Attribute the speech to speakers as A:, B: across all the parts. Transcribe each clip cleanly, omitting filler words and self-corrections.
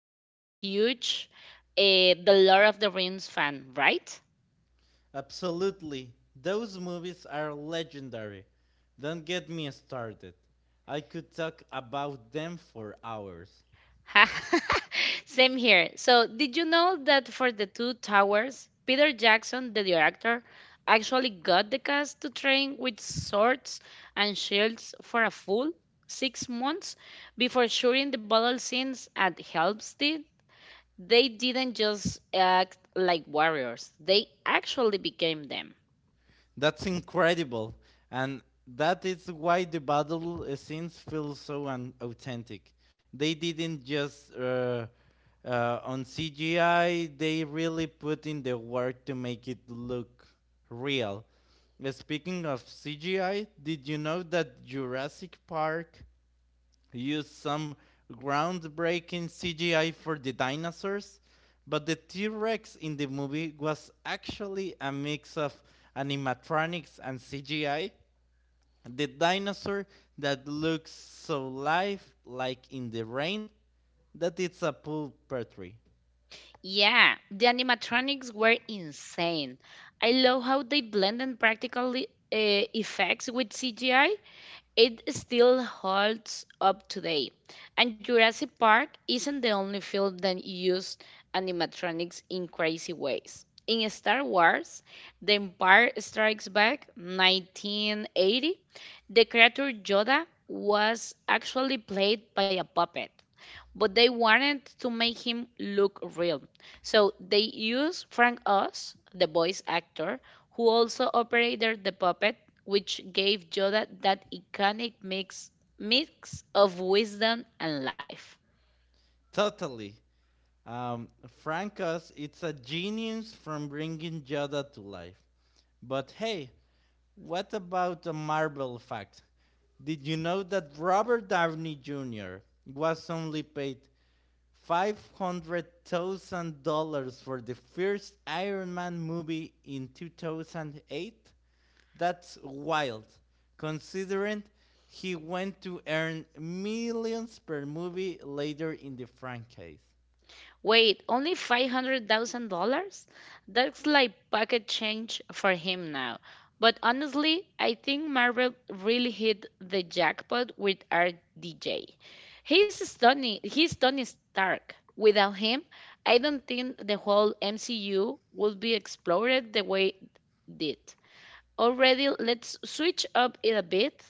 A: that you are a huge The Lord of the Rings fan, right?
B: Absolutely. Those movies are legendary. Don't get me started. I could talk about them for hours.
A: Same here. So did you know that for The Two Towers, Peter Jackson, the director, actually got the cast to train with swords and shields for a full 6 months before shooting the battle scenes at Helm's Deep? They didn't just act like warriors, they actually became them.
B: That's incredible. And that is why the battle scenes feel so authentic. They didn't just on CGI, they really put in the work to make it look real. Speaking of CGI, did you know that Jurassic Park used some groundbreaking CGI for the dinosaurs, but the T Rex in the movie was actually a mix of animatronics and CGI? The dinosaur that looks so live like in the rain that it's a pool petri.
A: Yeah, the animatronics were insane. I love how they blended practical effects with CGI. It still holds up today. And Jurassic Park isn't the only film that used animatronics in crazy ways. In Star Wars, The Empire Strikes Back 1980, the creature Yoda was actually played by a puppet but they wanted to make him look real. So they used Frank Oz, the voice actor, who also operated the puppet, which gave Yoda that iconic mix of wisdom and life.
B: Totally. Um, Francus, it's a genius from bringing Yoda to life. But hey, what about a Marvel fact? Did you know that Robert Downey Jr. was only paid $500,000 for the first Iron Man movie in 2008? That's wild, considering he went to earn millions per movie later in the franchise.
A: Wait, only $500,000? That's like pocket change for him now. But honestly, I think Marvel really hit the jackpot with RDJ. He's Tony Stark. Without him, I don't think the whole MCU would be explored the way it did. Already, let's switch up it a bit.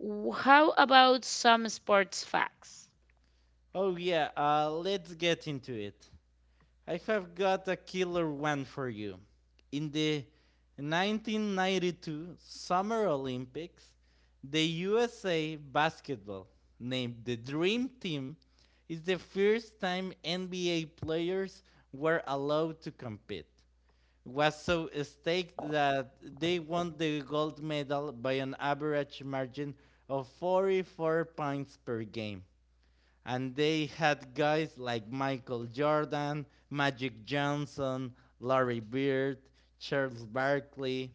A: How about some sports facts?
B: Oh, yeah, let's get into it. I have got a killer one for you. In the 1992 Summer Olympics, the USA basketball, named the Dream Team, is the first time NBA players were allowed to compete. It was so staked that they won the gold medal by an average margin of 44 points per game, and they had guys like Michael Jordan, Magic Johnson, Larry Bird, Charles Barkley.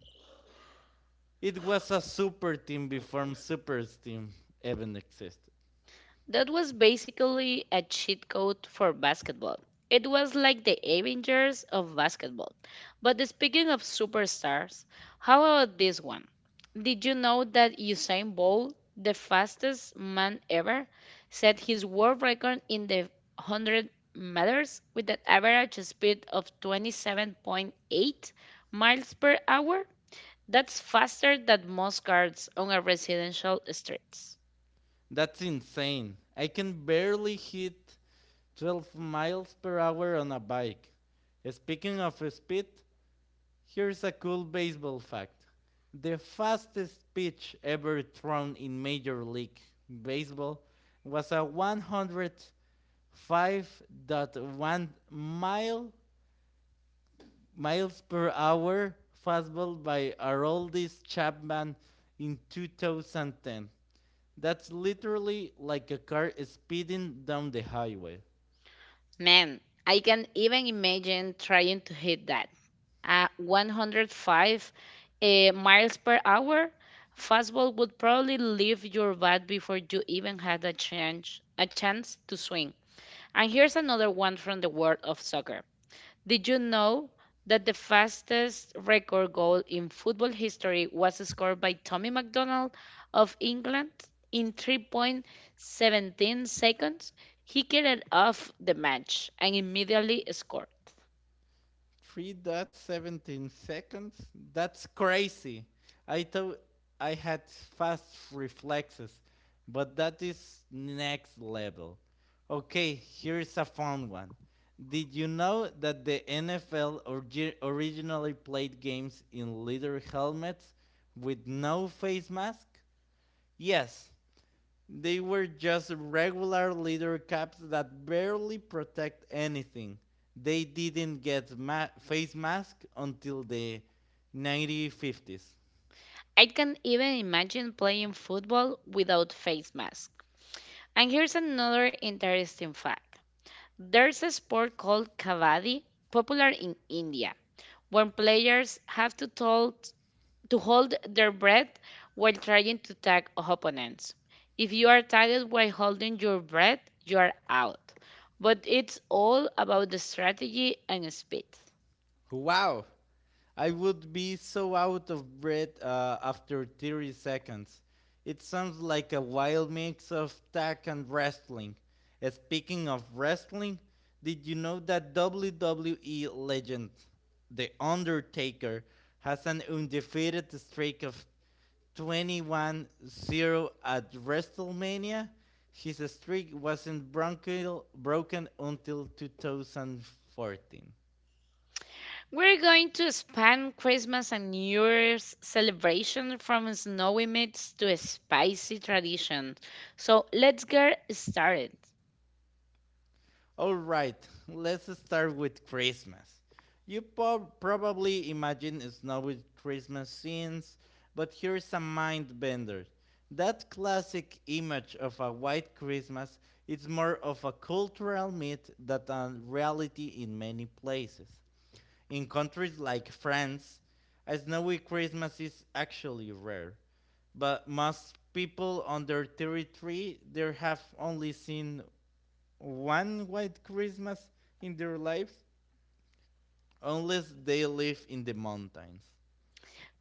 B: It was a super team before super team even existed.
A: That was basically a cheat code for basketball. It was like the Avengers of basketball. Speaking of superstars, how about this one? Did you know that Usain Bolt, the fastest man ever, set his world record in the 100 meters with an average speed of 27.8 miles per hour? That's faster than most cars on a residential street.
B: That's insane. I can barely hit 12 miles per hour on a bike. Speaking of speed, here's a cool baseball fact. The fastest pitch ever thrown in Major League Baseball was a 105.1 miles per hour fastball by Aroldis Chapman in 2010. That's literally like a car speeding down the highway.
A: Man, I can even imagine trying to hit that. At 105 miles per hour, fastball would probably leave your bat before you even had a chance to swing. And here's another one from the world of soccer. Did you know that the fastest record goal in football history was scored by Tommy McDonald of England in 3.17 seconds? He carried off the match and immediately scored.
B: 3.17 seconds? That's crazy. I thought I had fast reflexes, but that is next level. Okay, here's a fun one. Did you know that the NFL originally played games in leather helmets with no face mask? Yes, they were just regular leather caps that barely protect anything. They didn't get face masks until the 1950s.
A: I can even imagine playing football without face mask. And here's another interesting fact. There's a sport called kavadi, popular in India, when players have to tell to hold their breath while trying to tag opponents. If you are tagged while holding your breath, you are out. But it's all about the strategy and speed.
B: Wow. I would be so out of breath after 30 seconds. It sounds like a wild mix of tag and wrestling. Speaking of wrestling, did you know that WWE legend The Undertaker has an undefeated streak of 21-0 at WrestleMania? His streak wasn't broken until 2014.
A: We're going to span Christmas and New Year's celebration from snowy myths to spicy tradition. So let's get started.
B: All right, let's start with Christmas. You probably imagine snowy Christmas scenes, but here is a mind bender. That classic image of a white Christmas is more of a cultural myth than a reality in many places. In countries like France, a snowy Christmas is actually rare, but most people under 33 there have only seen one white Christmas in their lives unless they live in the mountains.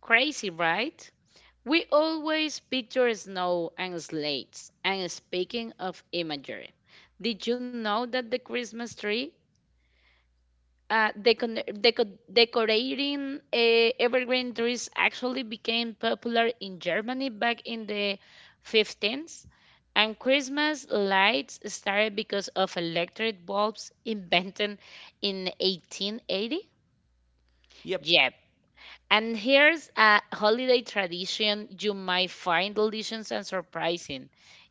A: Crazy, right? We always picture snow and slates. And speaking of imagery, did you know that the Christmas tree, decorating evergreen trees actually became popular in Germany back in the 15th? And Christmas lights started because of electric bulbs invented in 1880?
B: Yep.
A: And here's a holiday tradition you might find delicious and surprising.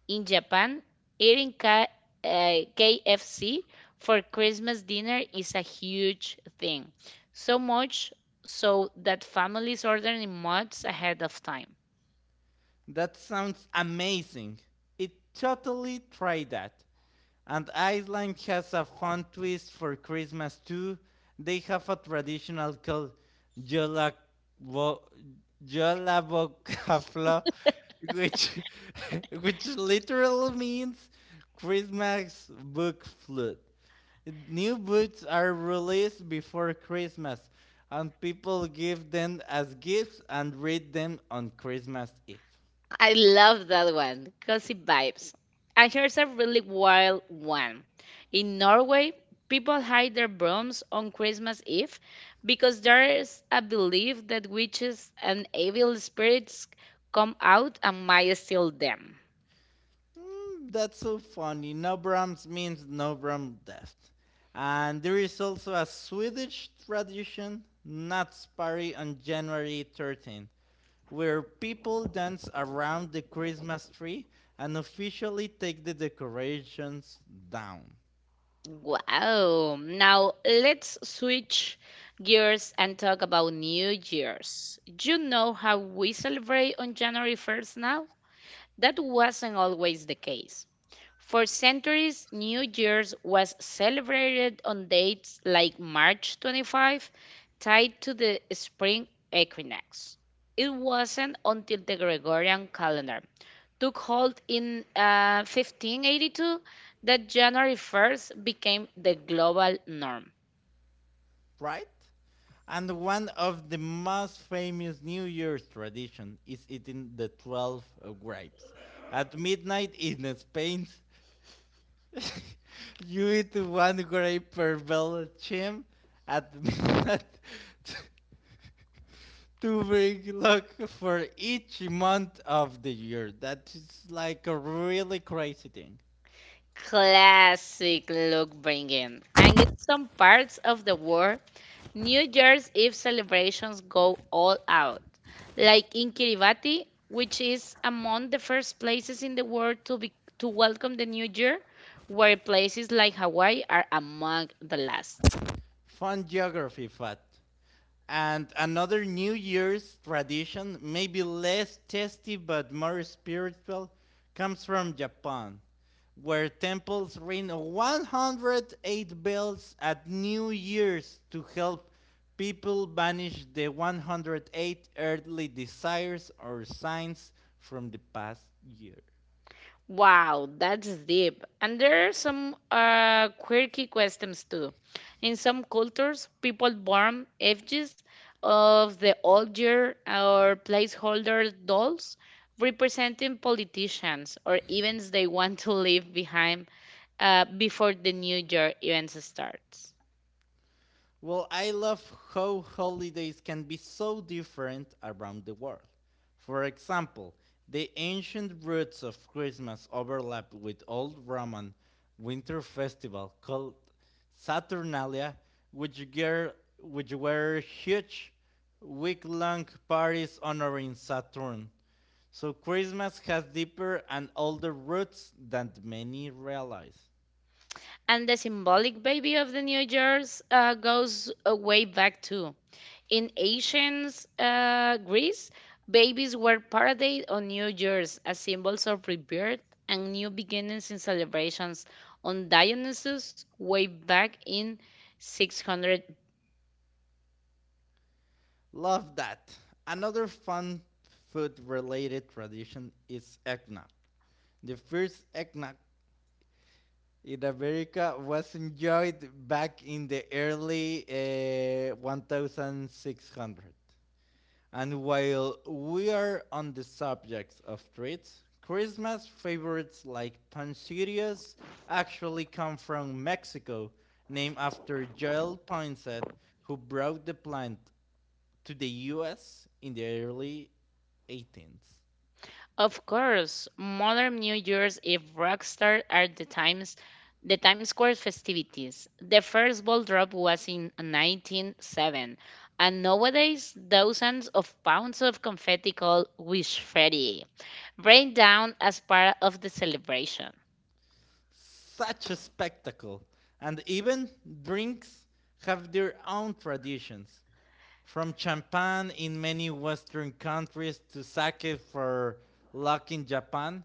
A: In Japan, eating KFC for Christmas dinner is a huge thing. So much so that families order in months ahead of time.
B: That sounds amazing. It totally tried that. And Iceland has a fun twist for Christmas too. They have a traditional called Jolabo- Jolabokafla, which which literally means Christmas book flute. New books are released before Christmas, and people give them as gifts and read them on Christmas Eve.
A: I love that one. Cozy vibes. And here's a really wild one. In Norway, people hide their brooms on Christmas Eve because there's a belief that witches and evil spirits come out and might steal them.
B: Hmm, that's so funny. Nobrams means Nobram death. And there is also a Swedish tradition, Natsparri on January 13th, where people dance around the Christmas tree and officially take the decorations down.
A: Wow. Now let's switch gears and talk about New Year's. You know how we celebrate on January 1st now? That wasn't always the case. For centuries, New Year's was celebrated on dates like March 25, tied to the spring equinox. It wasn't until the Gregorian calendar took hold in 1582 that January 1st became the global norm.
B: Right? And one of the most famous New Year's tradition is eating the 12 grapes. At midnight in Spain, you eat one grape per bell chim, at midnight to bring luck for each month of the year. That is like a really crazy thing.
A: Classic look bringing. And in some parts of the world, New Year's Eve celebrations go all out. Like in Kiribati, which is among the first places in the world to welcome the new year, where places like Hawaii are among the last.
B: Fun geography fact. And another New Year's tradition, maybe less tasty but more spiritual, comes from Japan, where temples ring 108 bells at New Year's to help people banish the 108 earthly desires or signs from the past year.
A: Wow, that's deep. And there are some quirky customs too. In some cultures, people burn effigies of the old year or placeholder dolls representing politicians or events they want to leave behind before the new year events starts.
B: Well, I love how holidays can be so different around the world. For example, the ancient roots of Christmas overlap with old Roman winter festival called Saturnalia, which, ger- which were huge week-long parties honoring Saturn. So Christmas has deeper and older roots than many realize.
A: And the symbolic baby of the New Year's goes way back too. In ancient Greece, babies were paraded on New Year's as symbols of rebirth and new beginnings in celebrations on Dionysus way back in 600.
B: Love that. Another fun food related tradition is eggnog. The first eggnog in America was enjoyed back in the early 1600. And while we are on the subject of treats, Christmas favorites like pancillas actually come from Mexico, named after Joel Poinsett, who brought the plant to the US in the early 18th.
A: Of course, modern New Year's Eve rock star are the Times Square festivities. The first ball drop was in 1907, and nowadays thousands of pounds of confetti called confetti, rain down as part of the celebration.
B: Such a spectacle. And even drinks have their own traditions, from champagne in many Western countries to sake for luck in Japan,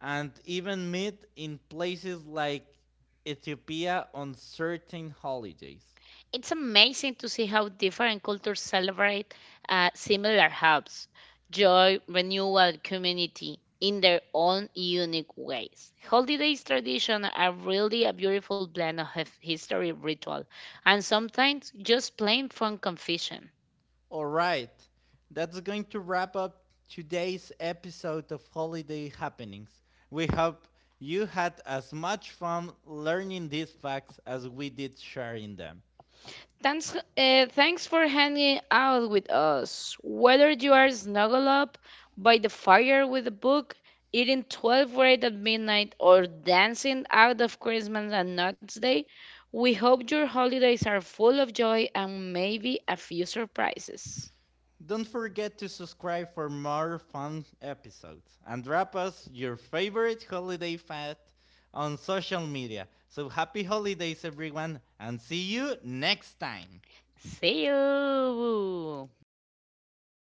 B: and even meat in places like Ethiopia on certain holidays.
A: It's amazing to see how different cultures celebrate similar hubs, joy, renewal, community in their own unique ways. Holidays tradition are really a beautiful blend of history, ritual, and sometimes just plain fun confusion.
B: All right. That's going to wrap up today's episode of Holiday Happenings. We hope you had as much fun learning these facts as we did sharing them.
A: Thanks for hanging out with us. Whether you are snuggled up by the fire with a book, eating 12 right at midnight, or dancing out of Christmas and Nuts Day, we hope your holidays are full of joy and maybe a few surprises.
B: Don't forget to subscribe for more fun episodes and drop us your favorite holiday fact on social media. So happy holidays, everyone, and see you next time.
A: See you!